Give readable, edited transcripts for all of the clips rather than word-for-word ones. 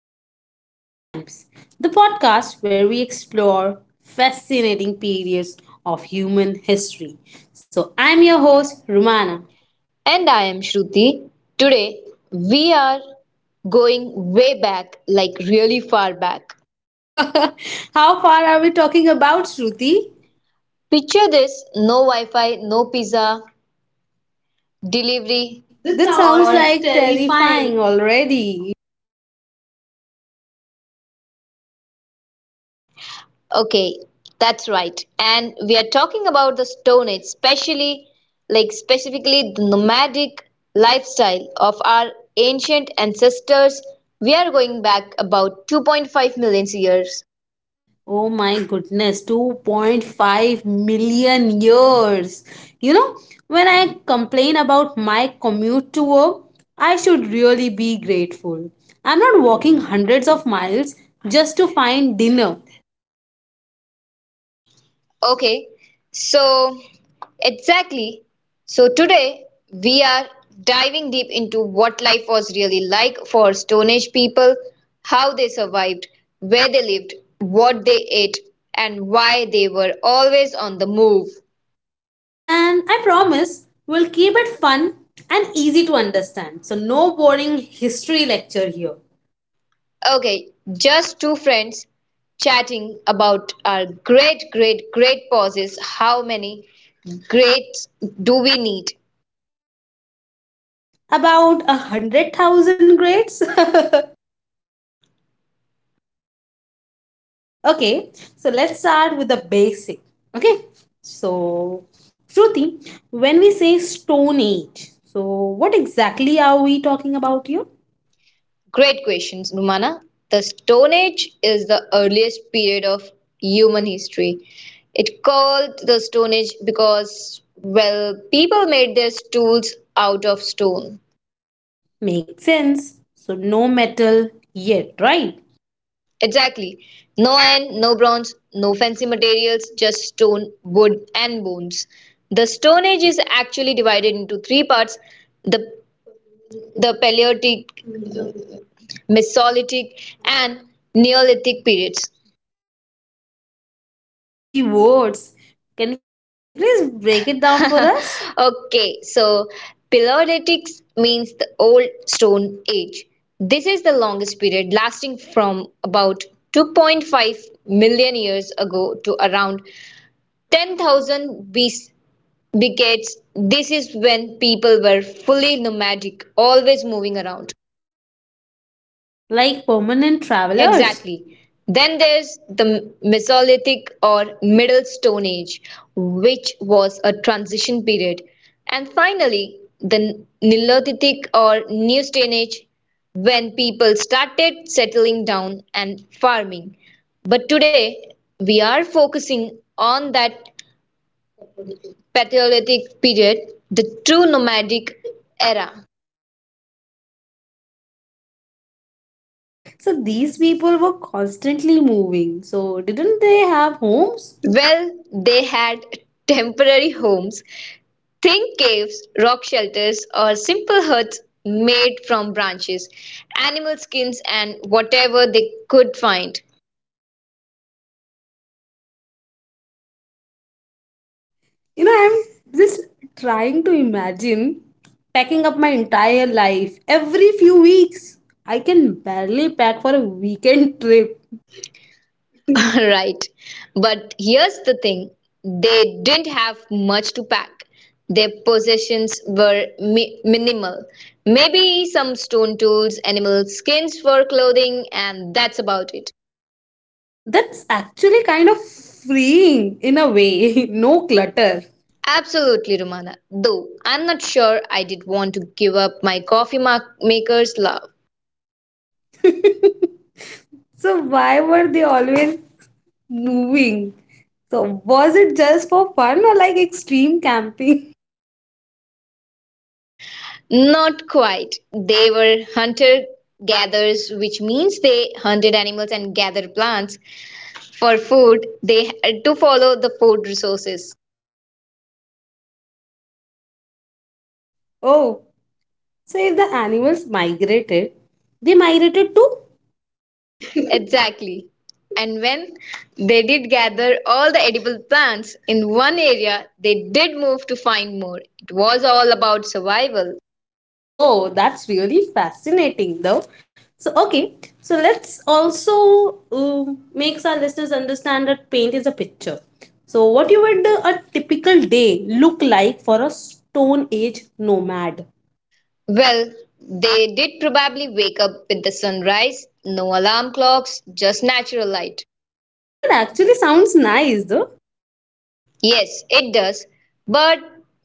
Wandering Through Times, the podcast where we explore fascinating periods of human history. So, I'm your host, Romana. And I am Shruti. Today, we are going way back, like really far back. How far are we talking about, Shruti? Picture this: no Wi Fi, no pizza, delivery. This That sounds sounds all like like terrifying. terrifying already. Okay, that's right. And we are talking about the Stone Age, especially, like, specifically the nomadic lifestyle of our ancient ancestors. We are going back about 2.5 million years. Oh my goodness, 2.5 million years. You know, when I complain about my commute to work, I should really be grateful. I'm not walking hundreds of miles just to find dinner. Okay, so exactly. So today we are diving deep into what life was really like for Stone Age people, how they survived, where they lived, what they ate, and why they were always on the move. And I promise we'll keep it fun and easy to understand. So, no boring history lecture here. Okay, just two friends chatting about our great, great, great pauses. How many greats do we need? About 100,000 grades? Okay, so let's start with the basic. Okay, so Shruti, when we say Stone Age, so what exactly are we talking about here? Great questions, Rumana. The Stone Age is the earliest period of human history. It called the Stone Age because, well, people made their tools out of stone. Makes sense. So no metal yet, right? Exactly. No iron, no bronze, no fancy materials, just stone, wood, and bones. The Stone Age is actually divided into three parts: the, the Paleolithic, Mesolithic, and Neolithic periods. Oh, fancy words. Can you please break it down for us? Okay, so Paleolithic means the Old Stone Age. This is the longest period, lasting from about 2.5 million years ago to around 10,000 BC, because this is when people were fully nomadic, always moving around. Like permanent travelers. Exactly. Then there's the Mesolithic or Middle Stone Age, which was a transition period. And finally, the Neolithic or New Stone Age, when people started settling down and farming. But today, we are focusing on that Paleolithic period, the true nomadic era. So these people were constantly moving. So didn't they have homes? Well, they had temporary homes. Think caves, rock shelters, or simple huts made from branches, animal skins, and whatever they could find. You know, I'm just trying to imagine packing up my entire life every few weeks. I can barely pack for a weekend trip. Right. But here's the thing: they didn't have much to pack. Their possessions were minimal. Maybe some stone tools, animal skins for clothing, and that's about it. That's actually kind of freeing in a way. No clutter. Absolutely, Romana. Though I'm not sure I did want to give up my coffee maker's love. So, why were they always moving? So, was it just for fun or like extreme camping? Not quite. They were hunter-gatherers, which means they hunted animals and gathered plants for food. They had to follow the food resources. Oh, so if the animals migrated, they migrated to Exactly. And when they did gather all the edible plants in one area, they did move to find more. It was all about survival. Oh, that's really fascinating, though. So, okay, so let's also makes our listeners understand that paint is a picture. So, what you would a typical day look like for a Stone Age nomad? Well, they did probably wake up with the sunrise, no alarm clocks, just natural light. That actually sounds nice, though. Yes, it does. But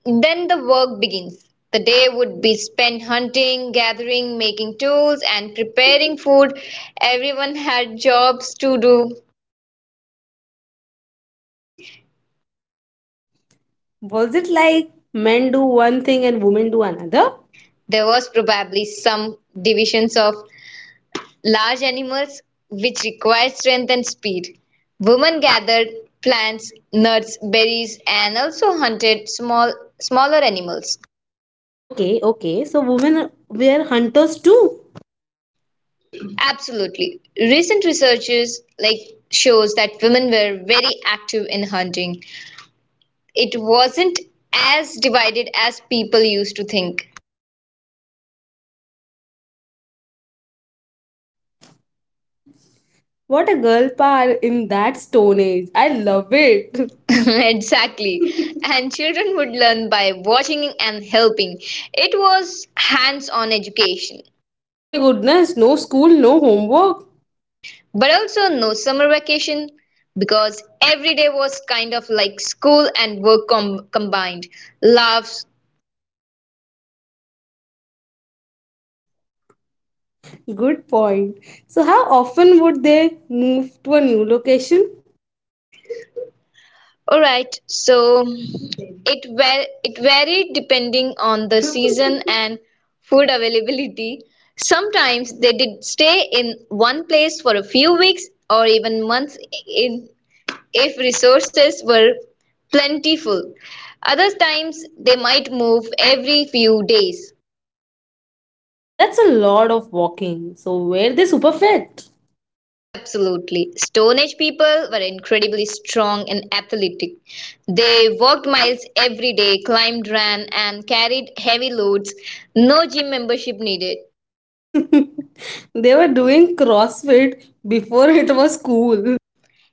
then the work begins. The day would be spent hunting, gathering, making tools, and preparing food. Everyone had jobs to do. Was it like men do one thing and women do another? There was probably some divisions of large animals, which required strength and speed. Women gathered plants, nuts, berries, and also hunted smaller animals. Okay, okay. So, women were hunters too. Absolutely. Recent researches like shows that women were very active in hunting. It wasn't as divided as people used to think. What a girl power in that Stone Age. I love it. Exactly. And children would learn by watching and helping. It was hands-on education. Oh my goodness, no school, no homework. But also no summer vacation, because every day was kind of like school and work combined. Laughs, Good point. So, how often would they move to a new location? alright, so it varied depending on the season and food availability. Sometimes they did stay in one place for a few weeks or even months, in if resources were plentiful. Other times they might move every few days. That's a lot of walking. So, were they super fit? Oh, absolutely. Stone Age people were incredibly strong and athletic. They walked miles every day, climbed, ran, and carried heavy loads. No gym membership needed. They were doing CrossFit before it was cool.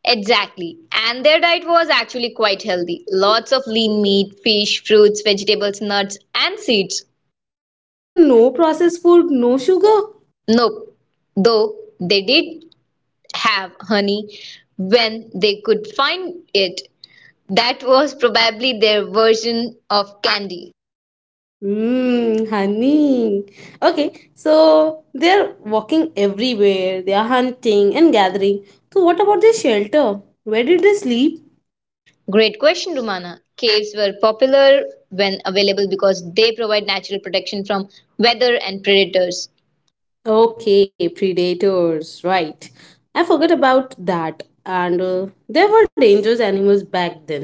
Exactly. And their diet was actually quite healthy. Lots of lean meat, fish, fruits, vegetables, nuts, and seeds. So, no processed food, no sugar. Nope. Though they did have honey when they could find it. That was probably their version of candy. Mmm, honey. Okay, so they're walking everywhere. They are hunting and gathering. So, what about their shelter? Where did they sleep? Great question, Rumana. Caves were popular when available, because they provide natural protection from weather and predators. Okay, predators, right. I forgot about that. And there were dangerous animals back then.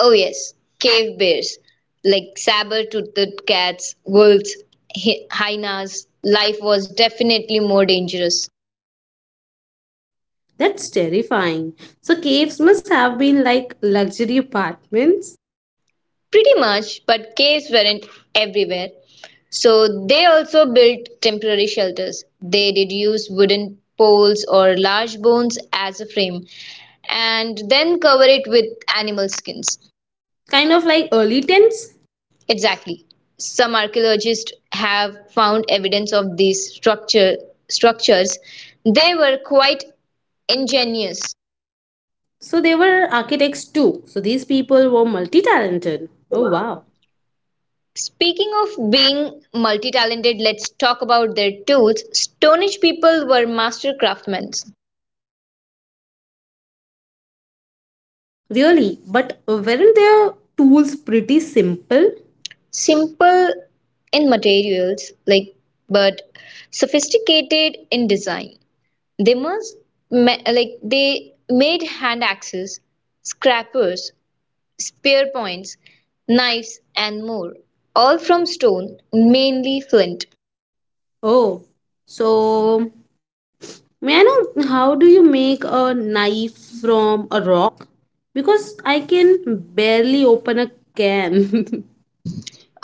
Oh, yes, cave bears, like saber toothed cats, wolves, hyenas. Life was definitely more dangerous. That's terrifying. So, caves must have been like luxury apartments. Pretty much, but caves weren't everywhere. So they also built temporary shelters. They did use wooden poles or large bones as a frame and then cover it with animal skins. Kind of like early tents. Exactly. Some archaeologists have found evidence of these structures. They were quite ingenious. So, they were architects too. So, these people were multi talented. Oh, wow. Speaking of being multi talented, let's talk about their tools. Stone Age people were master craftsmen, Really? But weren't their tools pretty simple? simple in materials, like, but sophisticated in design. They like they made hand axes, scrapers, spear points, knives, and more, all from stone, mainly flint. Oh, so may I know how do you make a knife from a rock? Because I can barely open a can.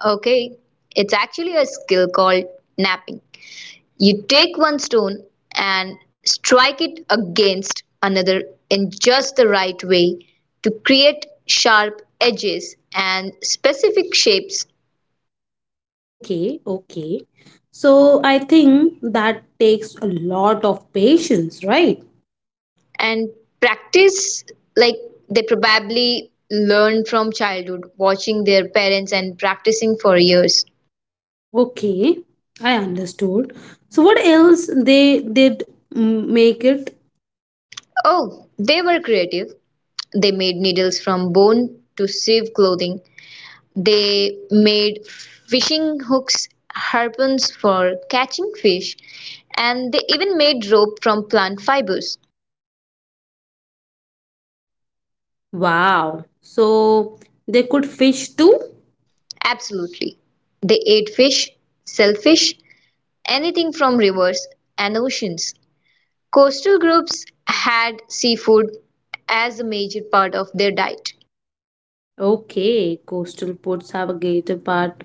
Okay, it's actually a skill called napping. You take one stone and strike it against another in just the right way to create sharp edges and specific shapes, Okay, okay. So I think that takes a lot of patience, right? and practice, like they probably learned from childhood, watching their parents and practicing for years. Okay, I understood. So what else they did make it? Oh, they were creative. They made needles from bone to sieve clothing. They made fishing hooks, harpoons for catching fish, and they even made rope from plant fibers. Wow. So they could fish too? Absolutely. They ate fish, shellfish, anything from rivers and oceans. Coastal groups had seafood as a major part of their diet. Okay, coastal ports have a gated part.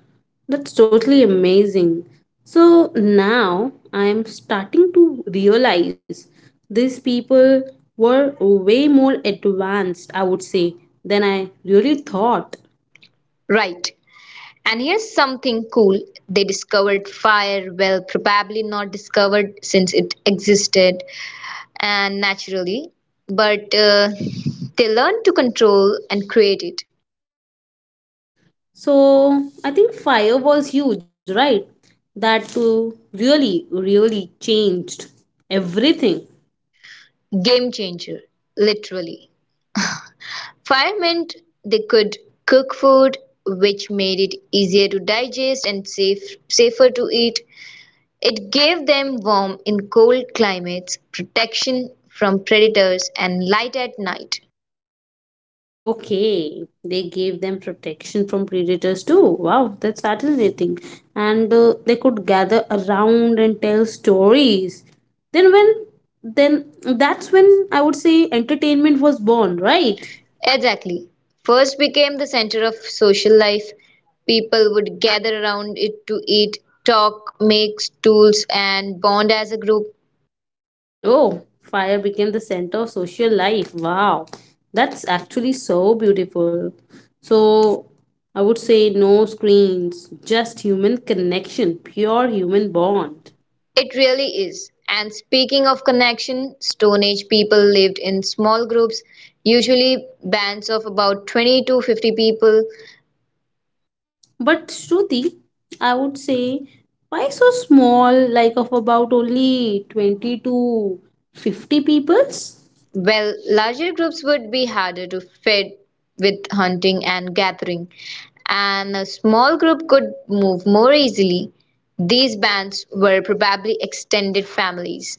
That's totally amazing. So now I am starting to realize these people were way more advanced, I would say, than I really thought. Right. And here's something cool: they discovered fire, well, probably not discovered, since it existed and naturally, but they learned to control and create it. So I think fire was huge, right? That too really, really changed everything. Game changer, literally. Fire meant they could cook food, which made it easier to digest and safer to eat. It gave them warmth in cold climates, protection from predators, and light at night. Okay, they gave them protection from predators too. Wow, that's fascinating. And they could gather around and tell stories. Then when then that's when I would say entertainment was born, Right. right? Exactly. First became the center of social life. People would gather around it to eat, talk, make tools, and bond as a group. Oh, fire became the center of social life. Wow. That's actually so beautiful. So I would say no screens, just human connection, pure human bond. It really is. And speaking of connection, Stone Age people lived in small groups, usually bands of about 20 to 50 people. But Shruti, I would say, why so small, like of about only 20 to 50 peoples? Well, larger groups would be harder to fit with hunting and gathering, and a small group could move more easily. These bands were probably extended families.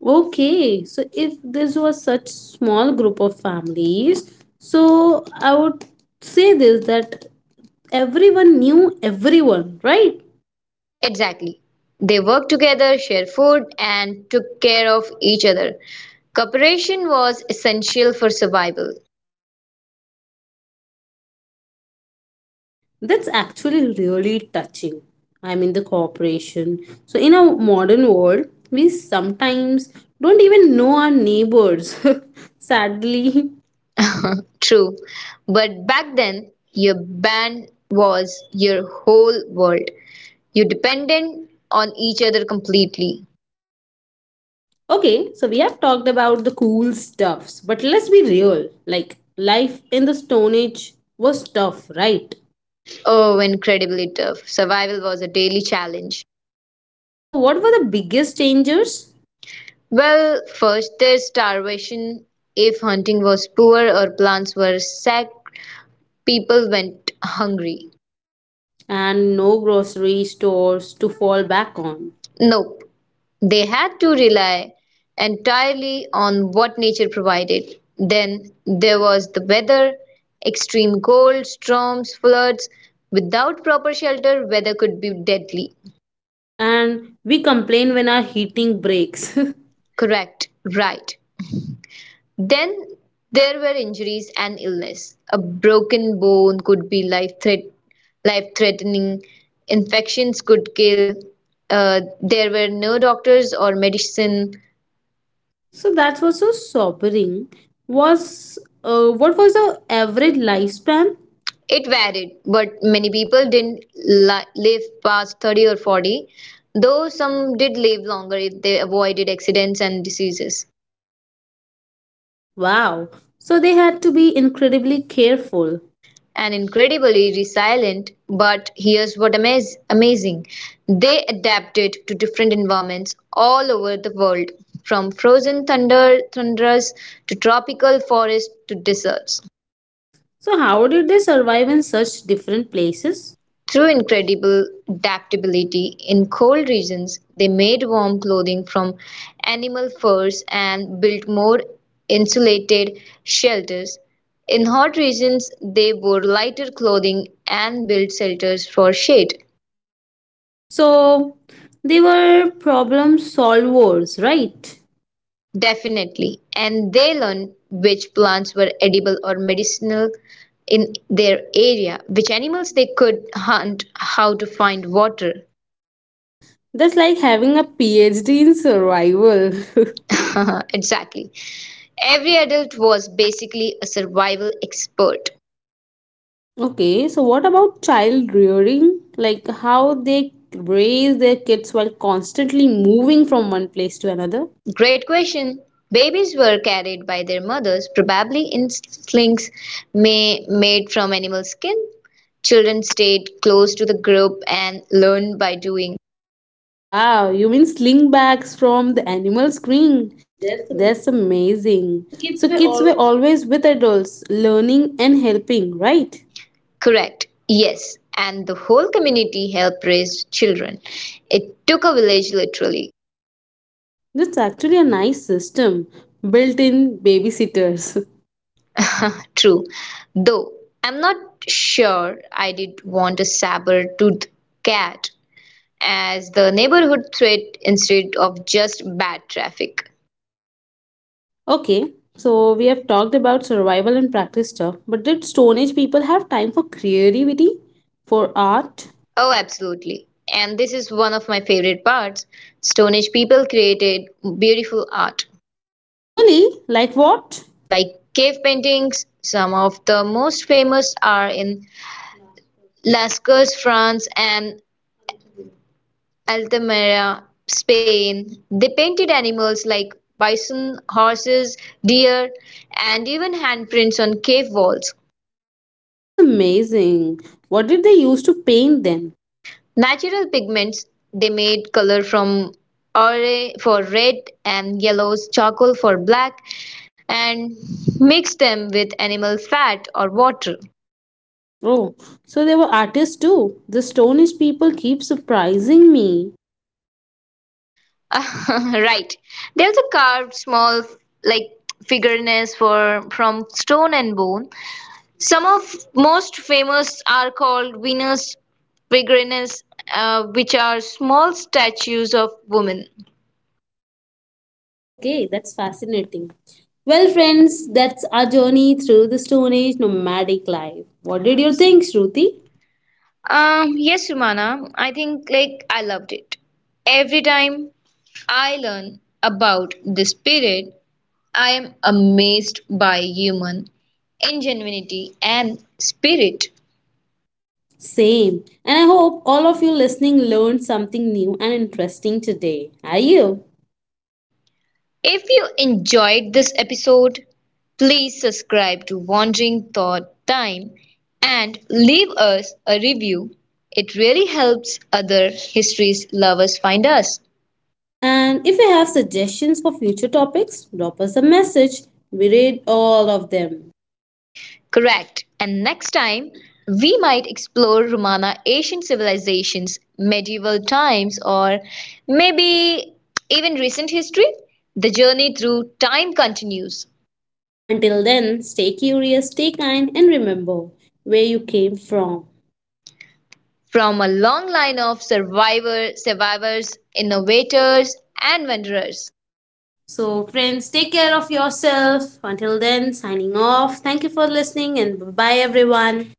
Okay, so if this was such small group of families, so I would say this that everyone knew everyone, right? Exactly. They worked together, shared food, and took care of each other. Cooperation was essential for survival. That's actually really touching. I mean, the cooperation. So, in a modern world, we sometimes don't even know our neighbors, sadly. True. But back then, your band was your whole world. You depended on each other completely. Okay, so we have talked about the cool stuffs, but let's be real. Like, life in the Stone Age was tough, right? Oh, incredibly tough. Survival was a daily challenge. So, what were the biggest dangers? Well, first there's starvation. If hunting was poor or plants were sacked, people went hungry. And no grocery stores to fall back on. Nope, they had to rely entirely on what nature provided. Then there was the weather, extreme cold, storms, floods. Without proper shelter, weather could be deadly. And we complain when our heating breaks. Correct, right. Then there were injuries and illness. A broken bone could be life-threatening. Infections could kill. There were no doctors or medicine. So, that was so sobering. Was what was the average lifespan? It varied, but many people didn't live past 30 or 40, though some did live longer if they avoided accidents and diseases. Wow. So, they had to be incredibly careful. And incredibly resilient. But here's what amazing: they adapted to different environments all over the world, from frozen thunders to tropical forests to deserts. So, how did they survive in such different places? Through incredible adaptability, in cold regions, they made warm clothing from animal furs and built more insulated shelters. In hot regions, they wore lighter clothing and built shelters for shade. So they were problem solvers, right? Definitely. And they learned which plants were edible or medicinal in their area, which animals they could hunt, how to find water. That's like having a PhD in survival. Exactly. Every adult was basically a survival expert. Okay, so what about child rearing? Like how they raise their kids while constantly moving from one place to another? Great question. Babies were carried by their mothers, probably in slings made from animal skin. Children stayed close to the group and learned by doing. Wow, you mean sling bags from the animal screen? That's That's the, amazing. So kids were kids were all always with adults, learning and helping, right? Correct. Yes. And the whole community helped raise children. It took a village, literally. That's actually a nice system built in babysitters. True. Though I'm not sure I did want a saber-toothed cat as the neighborhood threat instead of just bad traffic. Okay, so we have talked about survival and practice stuff, but did Stone Age people have time for creativity? For art? Oh, absolutely. And this is one of my favorite parts. Stone Age people created beautiful art, Really? Like what? like cave paintings. Some of the most famous are in Lascaux, France, and Altamira, Spain. They painted animals like bison, horses, deer, and even handprints on cave walls. That's amazing. What did they use to paint then? Natural pigments, they made color from ore for red and yellows, charcoal for black, and mixed them with animal fat or water. Oh, so they were artists too. The Stone Age people keep surprising me. Right. They also carved small, like, figurines for from stone and bone. Some of most famous are called Venus Peregrinus, which are small statues of women. Okay, that's fascinating. Well, friends, that's our journey through the Stone Age nomadic life. What did you think, Shruti? Yes, Rumana, I think, like, I loved it. Every time I learn about this period, I am amazed by human ingenuity and spirit. Same. And I hope all of you listening learned something new and interesting today. Are you? If you enjoyed this episode, please subscribe to Wandering Thought Time and leave us a review. It really helps other history lovers find us. And if you have suggestions for future topics, drop us a message. We read all of them. Correct. And next time, we might explore Romana Asian civilizations, medieval times, or maybe even recent history. The journey through time continues. Until then, stay curious, stay kind, and remember where you came from. From a long line of survivors, innovators, and vendors. So, friends, take care of yourself. Until then, signing off. Thank you for listening, and bye bye, everyone.